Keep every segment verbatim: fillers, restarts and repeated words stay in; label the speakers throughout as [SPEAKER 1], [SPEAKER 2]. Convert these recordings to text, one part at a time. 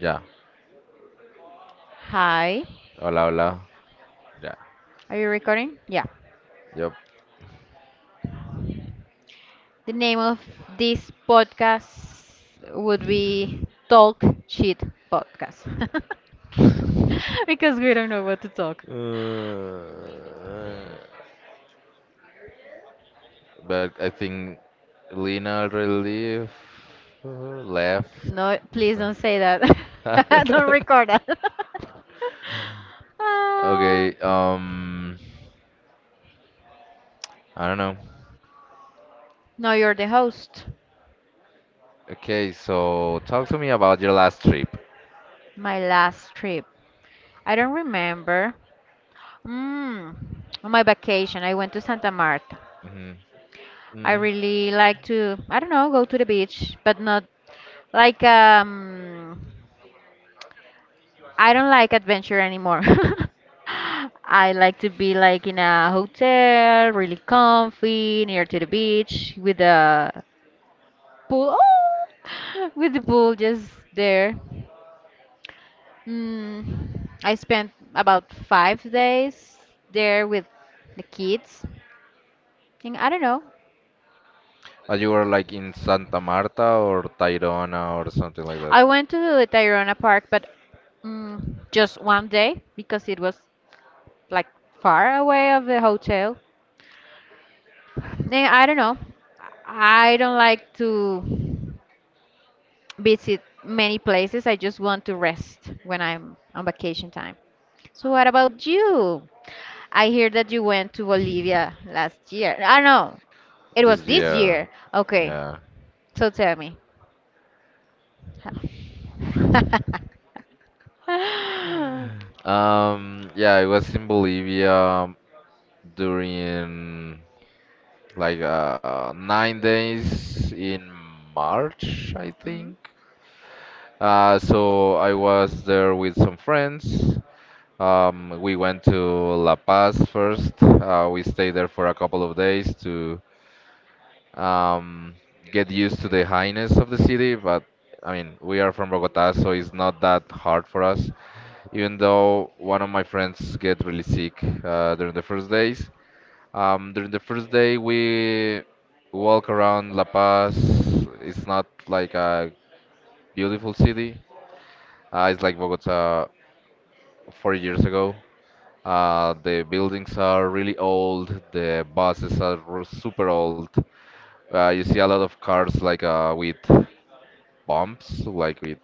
[SPEAKER 1] Ya.
[SPEAKER 2] Hi,
[SPEAKER 1] Hola, hola. Ya.
[SPEAKER 2] are you recording? Yeah.
[SPEAKER 1] Yep.
[SPEAKER 2] The name of this podcast would be Talk Shit Podcast because we don't know what to talk.
[SPEAKER 1] Uh, But I think Lena already left. Left.
[SPEAKER 2] No,
[SPEAKER 1] No
[SPEAKER 2] please
[SPEAKER 1] sé.
[SPEAKER 2] don't say that. don't record that. uh,
[SPEAKER 1] Okay. Um. I don't know.
[SPEAKER 2] no, you're the host.
[SPEAKER 1] Okay. So talk to me about your last trip.
[SPEAKER 2] My last trip. I don't remember. Mm, on my vacation, I went to Santa Marta.
[SPEAKER 1] hmm
[SPEAKER 2] I
[SPEAKER 1] Mm.
[SPEAKER 2] really like to, I don't know, go to the beach, but not like um I don't like adventure anymore. I like to be like in a hotel, really comfy, near to the beach with a pool. Oh, with the pool just there. Mm, I spent about five days there with the kids. And I don't know.
[SPEAKER 1] Uh, You were like in Santa Marta or Tayrona or something like that.
[SPEAKER 2] I went to the Tayrona Park, but mm, just one day because it was like far away of the hotel. Eh, I don't know. I don't like to visit many places. I just want to rest when I'm on vacation time. So what about you? I hear that you went to Bolivia last year. I know it
[SPEAKER 1] This
[SPEAKER 2] was this
[SPEAKER 1] year,
[SPEAKER 2] year. Okay,
[SPEAKER 1] yeah.
[SPEAKER 2] so tell me. Mhm.
[SPEAKER 1] Um, yeah, I was in Bolivia during like uh, nine days in March, I think. Uh, so I was there with some friends. Um, we went to La Paz first. Uh, we stayed there for a couple of days to um, get used to the highness of the city, but I mean, we are from Bogota, so it's not that hard for us. Even though one of my friends get really sick uh, during the first days. Um, during the first day, we walk around La Paz. It's not like a beautiful city. Uh, it's like Bogota four years ago. Uh, the buildings are really old. The buses are r- super old. Uh, you see a lot of cars like uh, with bumps, like with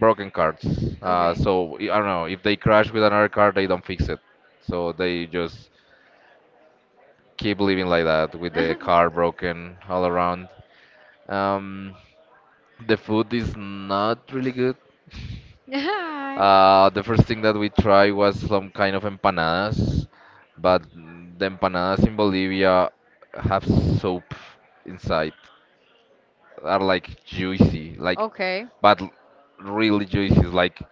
[SPEAKER 1] broken cards. Uh,
[SPEAKER 2] Okay.
[SPEAKER 1] so I don't know, if they crash with another card, they don't fix it. So they just keep living like that with the car broken all around. Um, the food is not really good.
[SPEAKER 2] Yeah.
[SPEAKER 1] Uh, the first thing that we tried was some kind of empanadas, but the empanadas in Bolivia have soap inside. Are like juicy, like,
[SPEAKER 2] Okay.
[SPEAKER 1] but really juicy, like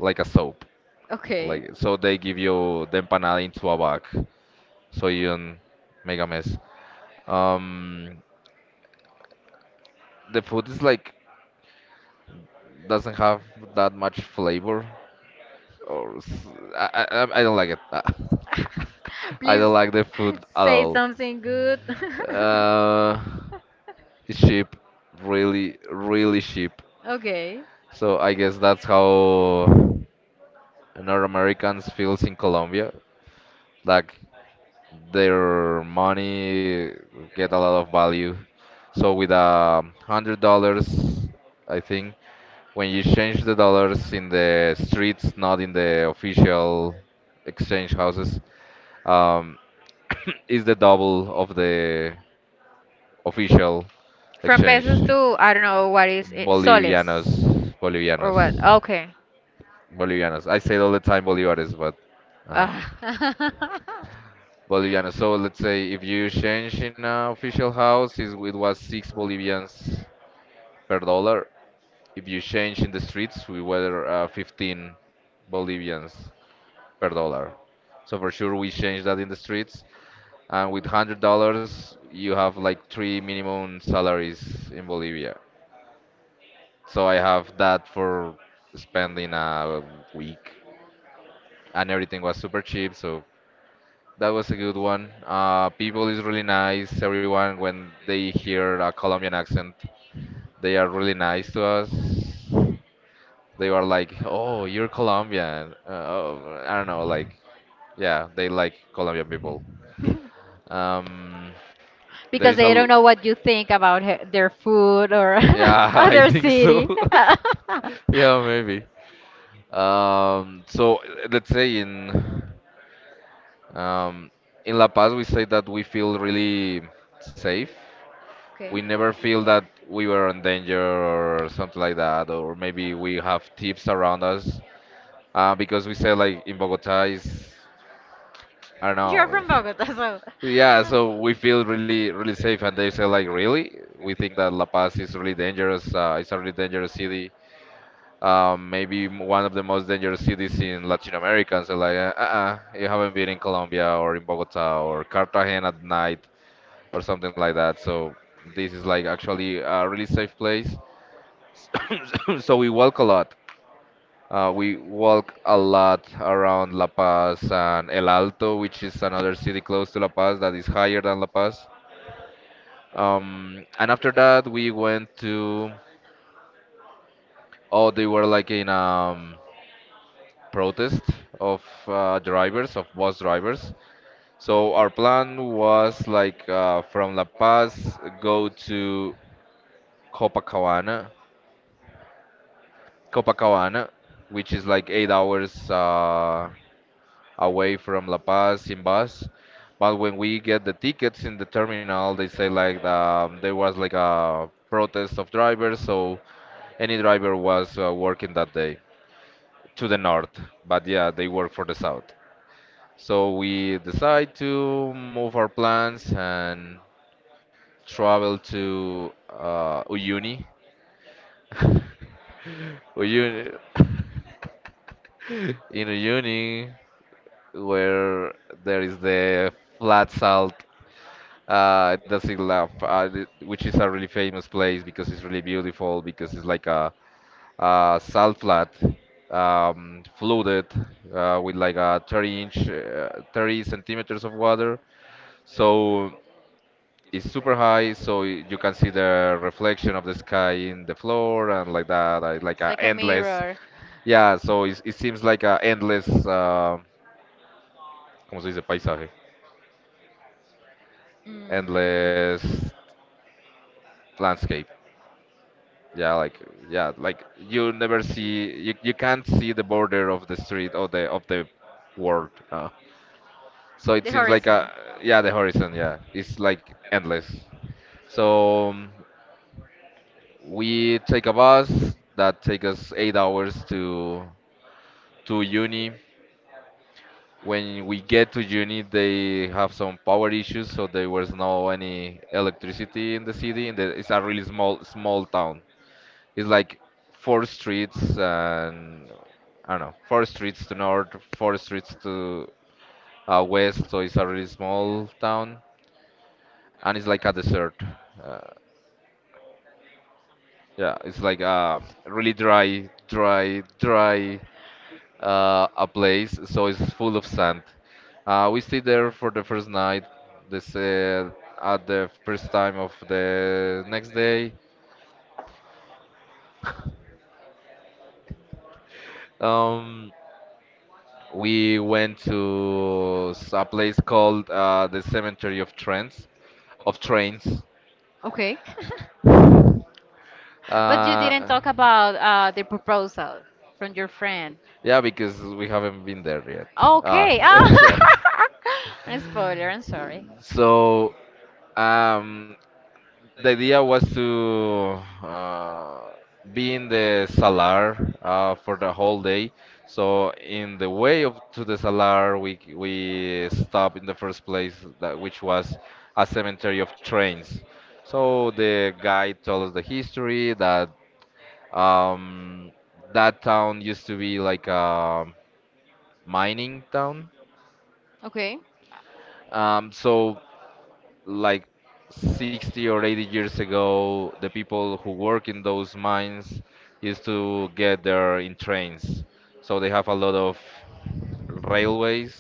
[SPEAKER 1] like a soap.
[SPEAKER 2] Okay.
[SPEAKER 1] Like, so they give you the empanada into a bag so you don't make a mess. Um, the food is like doesn't have that much flavor or s- I, I, I I don't like it. I
[SPEAKER 2] Please
[SPEAKER 1] don't like the food at
[SPEAKER 2] say
[SPEAKER 1] all.
[SPEAKER 2] something good.
[SPEAKER 1] Uh, it's cheap, really, really cheap.
[SPEAKER 2] Okay.
[SPEAKER 1] So I guess that's how North Americans feels in Colombia. Like, their money get a lot of value. So with a hundred dollars, I think, when you change the dollars in the streets, not in the official exchange houses, um, is the double of the official
[SPEAKER 2] From
[SPEAKER 1] exchange.
[SPEAKER 2] pesos to, I don't know, what is it?
[SPEAKER 1] Bolivianos,
[SPEAKER 2] Soles. Or
[SPEAKER 1] bolivianos,
[SPEAKER 2] what? Okay.
[SPEAKER 1] bolivianos. I say it all the time bolivares, but. Uh-huh.
[SPEAKER 2] Ah.
[SPEAKER 1] Bolivianos. So let's say if you change in an official house, is it was six Bolivians per dollar. If you change in the streets, we were uh, fifteen Bolivians per dollar. So for sure we change that in the streets. And with hundred dollars, you have like three minimum salaries in Bolivia. So I have that for spending a week, and everything was super cheap. So that was a good one. Uh, people is really nice. Everyone, when they hear a Colombian accent, they are really nice to us. They are like, "Oh, you're Colombian." Uh, oh, I don't know, like, yeah, they like Colombian people. Um, there
[SPEAKER 2] because
[SPEAKER 1] is a,
[SPEAKER 2] they
[SPEAKER 1] l-
[SPEAKER 2] don't know what you think about he- their food or
[SPEAKER 1] yeah, I
[SPEAKER 2] other
[SPEAKER 1] think so.
[SPEAKER 2] city.
[SPEAKER 1] Yeah, maybe. Um, so uh, let's say in um, in La Paz, we say that we feel really safe,
[SPEAKER 2] okay.
[SPEAKER 1] we never feel that we were in danger or something like that, or maybe we have thieves around us. Uh, because we say like in Bogota is, I don't
[SPEAKER 2] You're from
[SPEAKER 1] know.
[SPEAKER 2] Bogota, so.
[SPEAKER 1] Yeah, so we feel really really safe, and they say like really, we think that La Paz is really dangerous. Uh, it's a really dangerous city. Um, maybe m- one of the most dangerous cities in Latin America. And so like, uh, uh, uh, you haven't been in Colombia or in Bogota or Cartagena at night or something like that. So this is like actually a really safe place. so we walk a lot. Uh, we walk a lot around La Paz and El Alto, which is another city close to La Paz that is higher than La Paz. Um, and after that, we went to, oh, they were like in um, protest of uh, drivers, of bus drivers. So our plan was like uh, from La Paz, go to Copacabana, Copacabana, which is like eight hours uh, away from La Paz in bus. But when we get the tickets in the terminal, they say like um, there was like a protest of drivers, so any driver was uh, working that day to the north. But yeah, they work for the south. So we decide to move our plans and travel to uh, Uyuni. Uyuni. in Uyuni, where there is the flat salt. Uh, the Sigla, uh, th- which is a really famous place because it's really beautiful, because it's like a, a salt flat, um, flooded uh, with like a thirty inch, uh, thirty centimeters of water. So it's super high, so y- you can see the reflection of the sky in the floor and like that, uh, like
[SPEAKER 2] It's
[SPEAKER 1] a
[SPEAKER 2] like a
[SPEAKER 1] endless.
[SPEAKER 2] mirror.
[SPEAKER 1] Yeah, so it, it seems like a endless, uh, ¿cómo se dice? Paisaje,
[SPEAKER 2] Mm.
[SPEAKER 1] endless landscape. Yeah, like, yeah, like you never see, you, you can't see the border of the street or the of the world. Uh, so it
[SPEAKER 2] The
[SPEAKER 1] seems like
[SPEAKER 2] horizon.
[SPEAKER 1] a, yeah, the horizon, yeah, it's like endless. So um, we take a bus that take us eight hours to to uni. When we get to uni, they have some power issues, so there was no any electricity in the city. And the, it's a really small small town. It's like four streets and, I don't know, four streets to north, four streets to uh, west. So it's a really small town, and it's like a desert. Uh, yeah, it's like a really dry, dry, dry uh, a place. So it's full of sand. Uh, we stayed there for the first night. This uh, At the first time of the next day. Um, We went to s- a place called uh, the Cemetery of Trends, of Trains.
[SPEAKER 2] Okay. But you didn't
[SPEAKER 1] Uh,
[SPEAKER 2] talk about uh, the proposal from your friend.
[SPEAKER 1] yeah, because we haven't been there yet. Ah,
[SPEAKER 2] Okay. Ah.
[SPEAKER 1] yeah.
[SPEAKER 2] A spoiler, I'm sorry.
[SPEAKER 1] So, um, The idea was to uh, be in the salar uh, for the whole day. So in the way of to the salar, we we stopped in the first place that which was a cemetery of trains. So the guide told us the history that um, that town used to be like a mining town.
[SPEAKER 2] Okay.
[SPEAKER 1] Um, so like sixty or eighty years ago, the people who work in those mines used to get there in trains. So they have a lot of railways,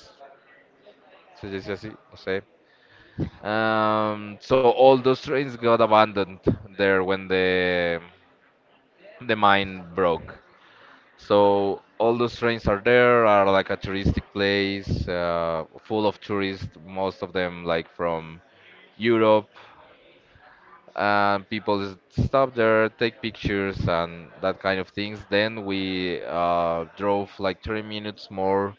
[SPEAKER 1] se dice así, no sé. Um, so all those trains got abandoned there when the the mine broke. So all those trains are there, are like a touristic place, uh, full of tourists, most of them like from Europe, and people s- stop there, take pictures and that kind of things. Then we uh, drove like thirty minutes more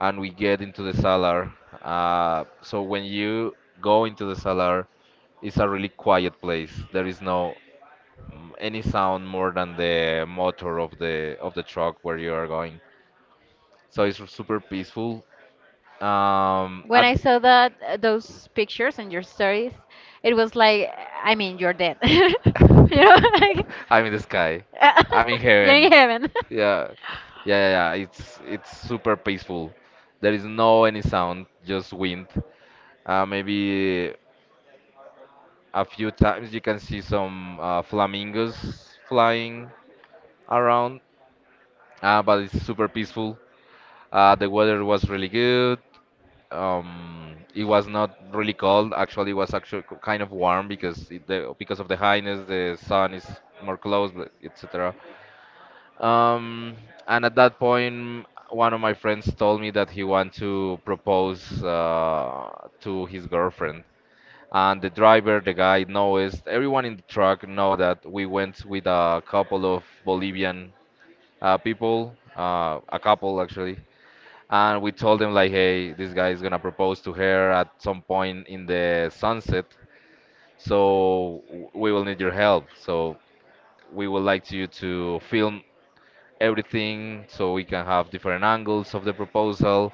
[SPEAKER 1] and we get into the Salar. Uh, so when you go into the Salar, it's a really quiet place. There is no mm, any sound more than the motor of the of the truck where you are going. So it's super peaceful. Um,
[SPEAKER 2] When
[SPEAKER 1] at,
[SPEAKER 2] I saw that uh, those pictures and your stories, it was like, I mean, you're dead. You know, like,
[SPEAKER 1] I'm in the sky. I'm in
[SPEAKER 2] you're in
[SPEAKER 1] heaven.
[SPEAKER 2] heaven.
[SPEAKER 1] Yeah, yeah, yeah, yeah. It's it's super peaceful. There is no any sound, just wind. Uh, maybe a few times you can see some uh, flamingos flying around, uh, but it's super peaceful. Uh, the weather was really good. Um it was not really cold, actually. It was actually kind of warm because it, the, because of the highness the sun is more close, but etc. um and at that point one of my friends told me that he want to propose uh, to his girlfriend, and the driver, the guy knows everyone in the truck, know that we went with a couple of bolivian uh, people, uh, a couple actually, and we told him like, hey, this guy is gonna propose to her at some point in the sunset, so w- we will need your help, so we would like you to film everything so we can have different angles of the proposal,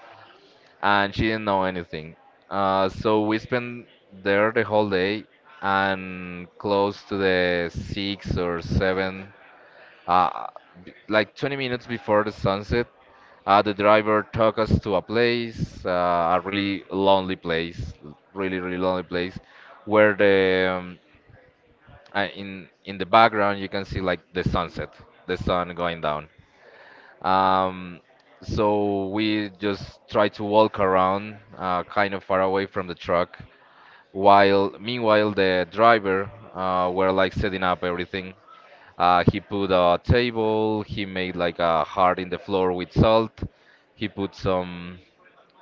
[SPEAKER 1] and she didn't know anything. Uh, so we spent there the whole day, and close to the six or seven, uh, b- like twenty minutes before the sunset, uh, the driver took us to a place, uh, a really lonely place, really really lonely place, where the um, uh, in in the background you can see like the sunset, the sun going down. Um, so we just try to walk around, uh, kind of far away from the truck, while meanwhile the driver uh, were like setting up everything. Uh, he put a table, he made like a heart in the floor with salt, he put some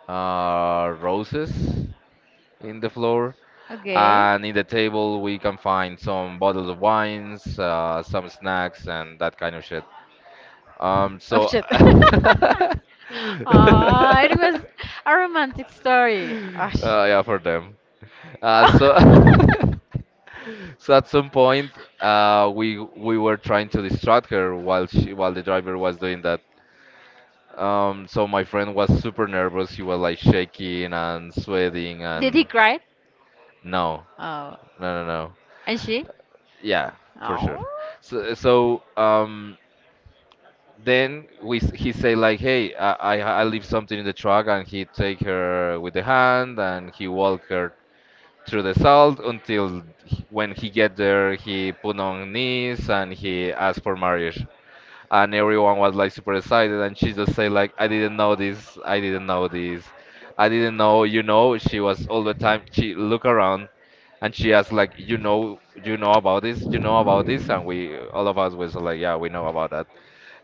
[SPEAKER 1] uh, roses in the floor.
[SPEAKER 2] Okay.
[SPEAKER 1] And in the table, we can find some bottles of wines, uh, some snacks, and that kind of shit. Um,
[SPEAKER 2] Oh
[SPEAKER 1] so,
[SPEAKER 2] shit.
[SPEAKER 1] uh,
[SPEAKER 2] Ah, it was a romantic story. Ah,
[SPEAKER 1] yeah, for them. Uh, so, so at some point, uh, we we were trying to distract her while she while the driver was doing that. Um, so my friend was super nervous. He was like shaking and sweating
[SPEAKER 2] Did he
[SPEAKER 1] and,
[SPEAKER 2] cry?
[SPEAKER 1] no,
[SPEAKER 2] Oh,
[SPEAKER 1] no, no, no.
[SPEAKER 2] and she?
[SPEAKER 1] Yeah, for sure.
[SPEAKER 2] Oh.
[SPEAKER 1] So, so um, then we s- he say like, hey, I, I I leave something in the truck, and he take her with the hand, and he walk her through the salt until he- when he get there, he put on knees and he asked for marriage, and everyone was like super excited, and she just say like, I didn't know this, I didn't know this, I didn't know, you know, she was all the time she look around and she asked like, you know, you know about this, you know about this, and we all of us was like, yeah, we know about that.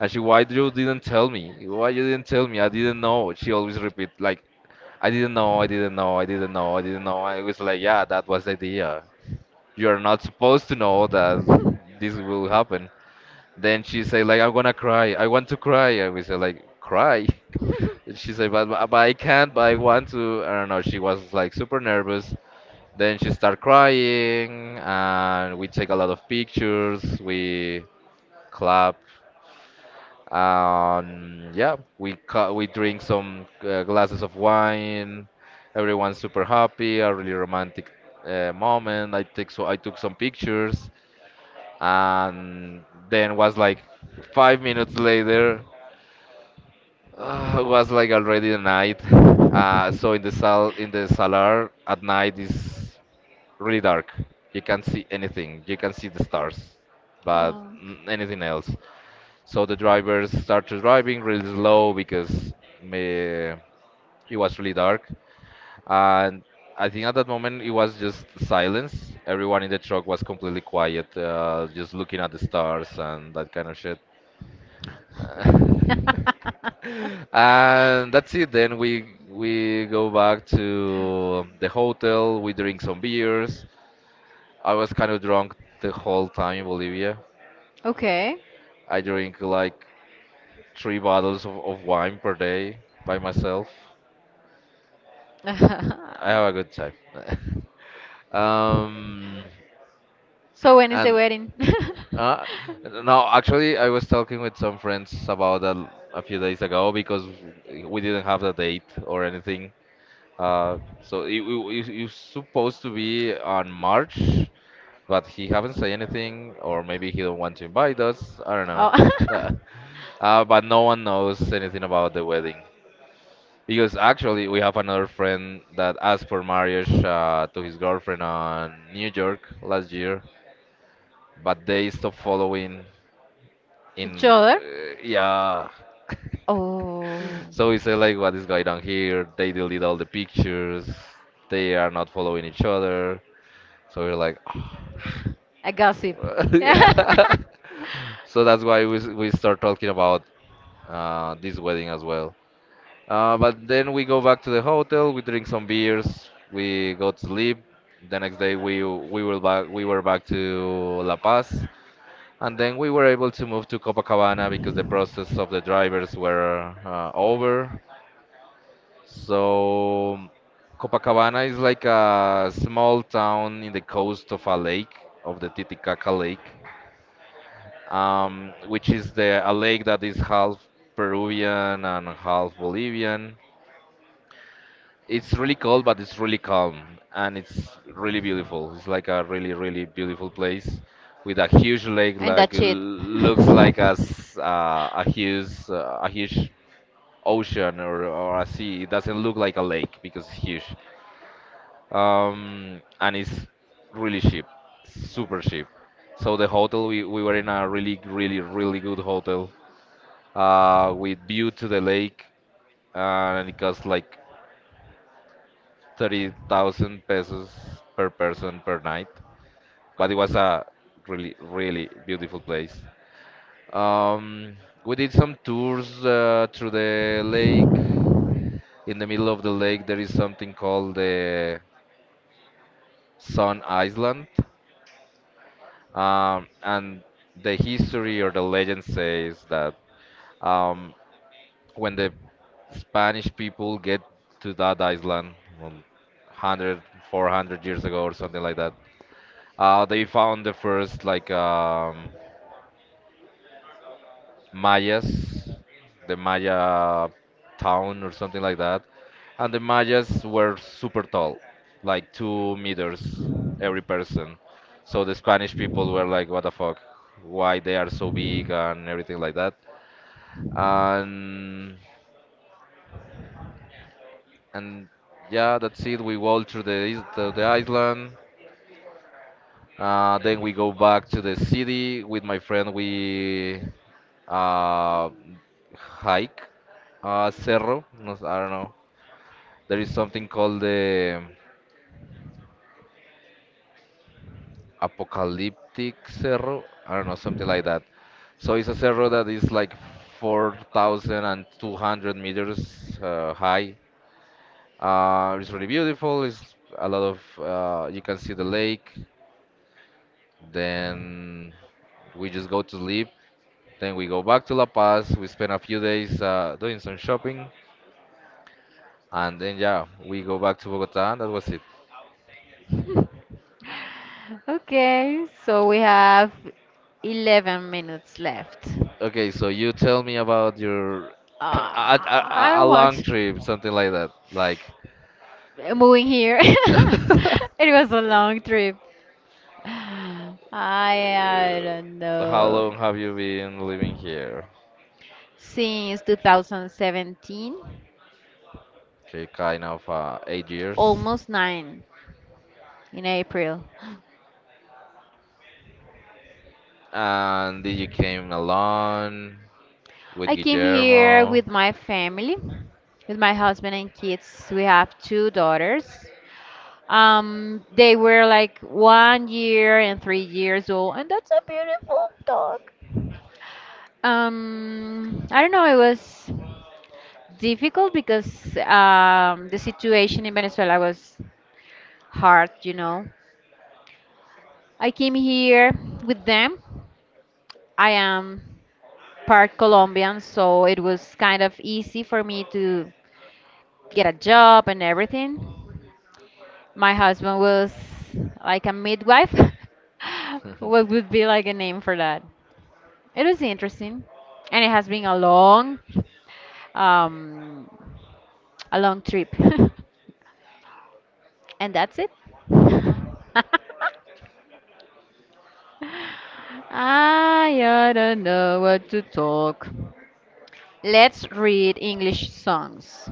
[SPEAKER 1] And she, why you didn't tell me? Why you didn't tell me? I didn't know. She always repeat like, I didn't know, I didn't know, I didn't know, I didn't know. I was like, yeah, that was the idea. You are not supposed to know that this will happen. Then she say like, I'm gonna cry. I want to cry. And we say like, cry. And she said, but, but I can't, but I want to. I don't know. She was like super nervous. Then she started crying, and we take a lot of pictures. We clap, and yeah, we cu- we drink some uh, glasses of wine. Everyone's super happy. A really romantic uh, moment. I take so I took some pictures, and then was like five minutes later, uh, it was like already the night. Uh, so in the sal in the salar at night is really dark. You can't see anything. You can see the stars, but
[SPEAKER 2] Oh.
[SPEAKER 1] n- anything else. So the drivers started driving really slow because me, it was really dark. And I think at that moment it was just silence. Everyone in the truck was completely quiet, uh, just looking at the stars and that kind of shit. And that's it. Then we we go back to the hotel. We drink some beers. I was kind of drunk the whole time in Bolivia.
[SPEAKER 2] okay.
[SPEAKER 1] I drink like three bottles of, of wine per day by myself. I have a good time. um,
[SPEAKER 2] So when is the
[SPEAKER 1] and
[SPEAKER 2] wedding?
[SPEAKER 1] uh, no, actually, I was talking with some friends about that a few days ago because we didn't have the date or anything. Uh, so it, it, it was supposed to be on March, but he haven't said anything, or maybe he don't want to invite us. I don't know.
[SPEAKER 2] Oh,
[SPEAKER 1] Uh, but no one knows anything about the wedding because actually we have another friend that asked for marriage uh, to his girlfriend on New York last year, but they stopped following in.
[SPEAKER 2] each other?
[SPEAKER 1] Uh, yeah.
[SPEAKER 2] Oh,
[SPEAKER 1] So we say like, what is going on here? They delete all the pictures. They are not following each other. So we're like,
[SPEAKER 2] a gossip.
[SPEAKER 1] yeah. So that's why we s- we start talking about uh, this wedding as well. Uh, but then we go back to the hotel, we drink some beers, we go to sleep. The next day we we were back we were back to La Paz, and then we were able to move to Copacabana because the process of the drivers were uh, over. So Copacabana is like a small town in the coast of a lake, of the Titicaca Lake, um, which is the a lake that is half Peruvian and half Bolivian. It's really cold, but it's really calm and it's really beautiful. It's like a really, really beautiful place with a huge lake,
[SPEAKER 2] And that
[SPEAKER 1] like
[SPEAKER 2] that's
[SPEAKER 1] l-
[SPEAKER 2] it.
[SPEAKER 1] looks like a
[SPEAKER 2] Looks
[SPEAKER 1] s- uh, a huge uh, a huge ocean or, or a sea. It doesn't look like a lake because it's huge, um, and it's really cheap, super cheap. So the hotel we, we were in a really, really, really good hotel uh, with view to the lake, uh, and it cost like thirty thousand pesos per person per night, but it was a really, really beautiful place. Um, we did some tours uh, through the lake. In the middle of the lake, there is something called the Sun Island. Um, and the history or the legend says that um, when the Spanish people get to that island, um, one hundred years ago or something like that, Uh, they found the first like um, Mayas, the Maya town or something like that, and the Mayas were super tall, like two meters every person. So the Spanish people were like, "What the fuck? Why they are so big and everything like that?" And and yeah, that's it. We walk through the is- the, the island. Uh, then we go back to the city with my friend. We uh, hike, uh, cerro. No, s- I don't know. There is something called the apocalyptic cerro. I don't know, something like that. So it's a cerro that is like four thousand two hundred meters uh, high. Uh, it's really beautiful. It's a lot of uh, you can see the lake. Then we just go to sleep. Then we go back to La Paz. We spend a few days uh, doing some shopping, and then yeah, we go back to Bogota, and that was it.
[SPEAKER 2] Okay, so we have eleven minutes left.
[SPEAKER 1] Okay, so you tell me about your
[SPEAKER 2] Uh,
[SPEAKER 1] a, a,
[SPEAKER 2] I
[SPEAKER 1] a a
[SPEAKER 2] don't
[SPEAKER 1] long
[SPEAKER 2] want,
[SPEAKER 1] trip, something like that. Like,
[SPEAKER 2] uh, moving here. it was a long trip. I, I don't
[SPEAKER 1] Uh, how
[SPEAKER 2] know.
[SPEAKER 1] long have you been living here?
[SPEAKER 2] Since two thousand seventeen,
[SPEAKER 1] Okay, kind of uh, eight years.
[SPEAKER 2] almost nine in April.
[SPEAKER 1] And did you came alone with
[SPEAKER 2] I came here
[SPEAKER 1] Guillermo?
[SPEAKER 2] with my family, with my husband and kids. We have two daughters. Um, they were like one year and three years old, and that's a beautiful dog. Um, I don't know, it was difficult because um, the situation in Venezuela was hard, you know. I came here with them. I am part Colombian, so it was kind of easy for me to get a job and everything. My husband was like a midwife. What would be like a name for that? It was interesting, and it has been a long, um, a long trip, and that's it. I I don't know what to talk. Let's read English songs.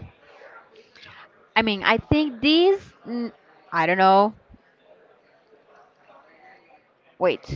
[SPEAKER 2] I mean, I think these. n- I don't know. Wait,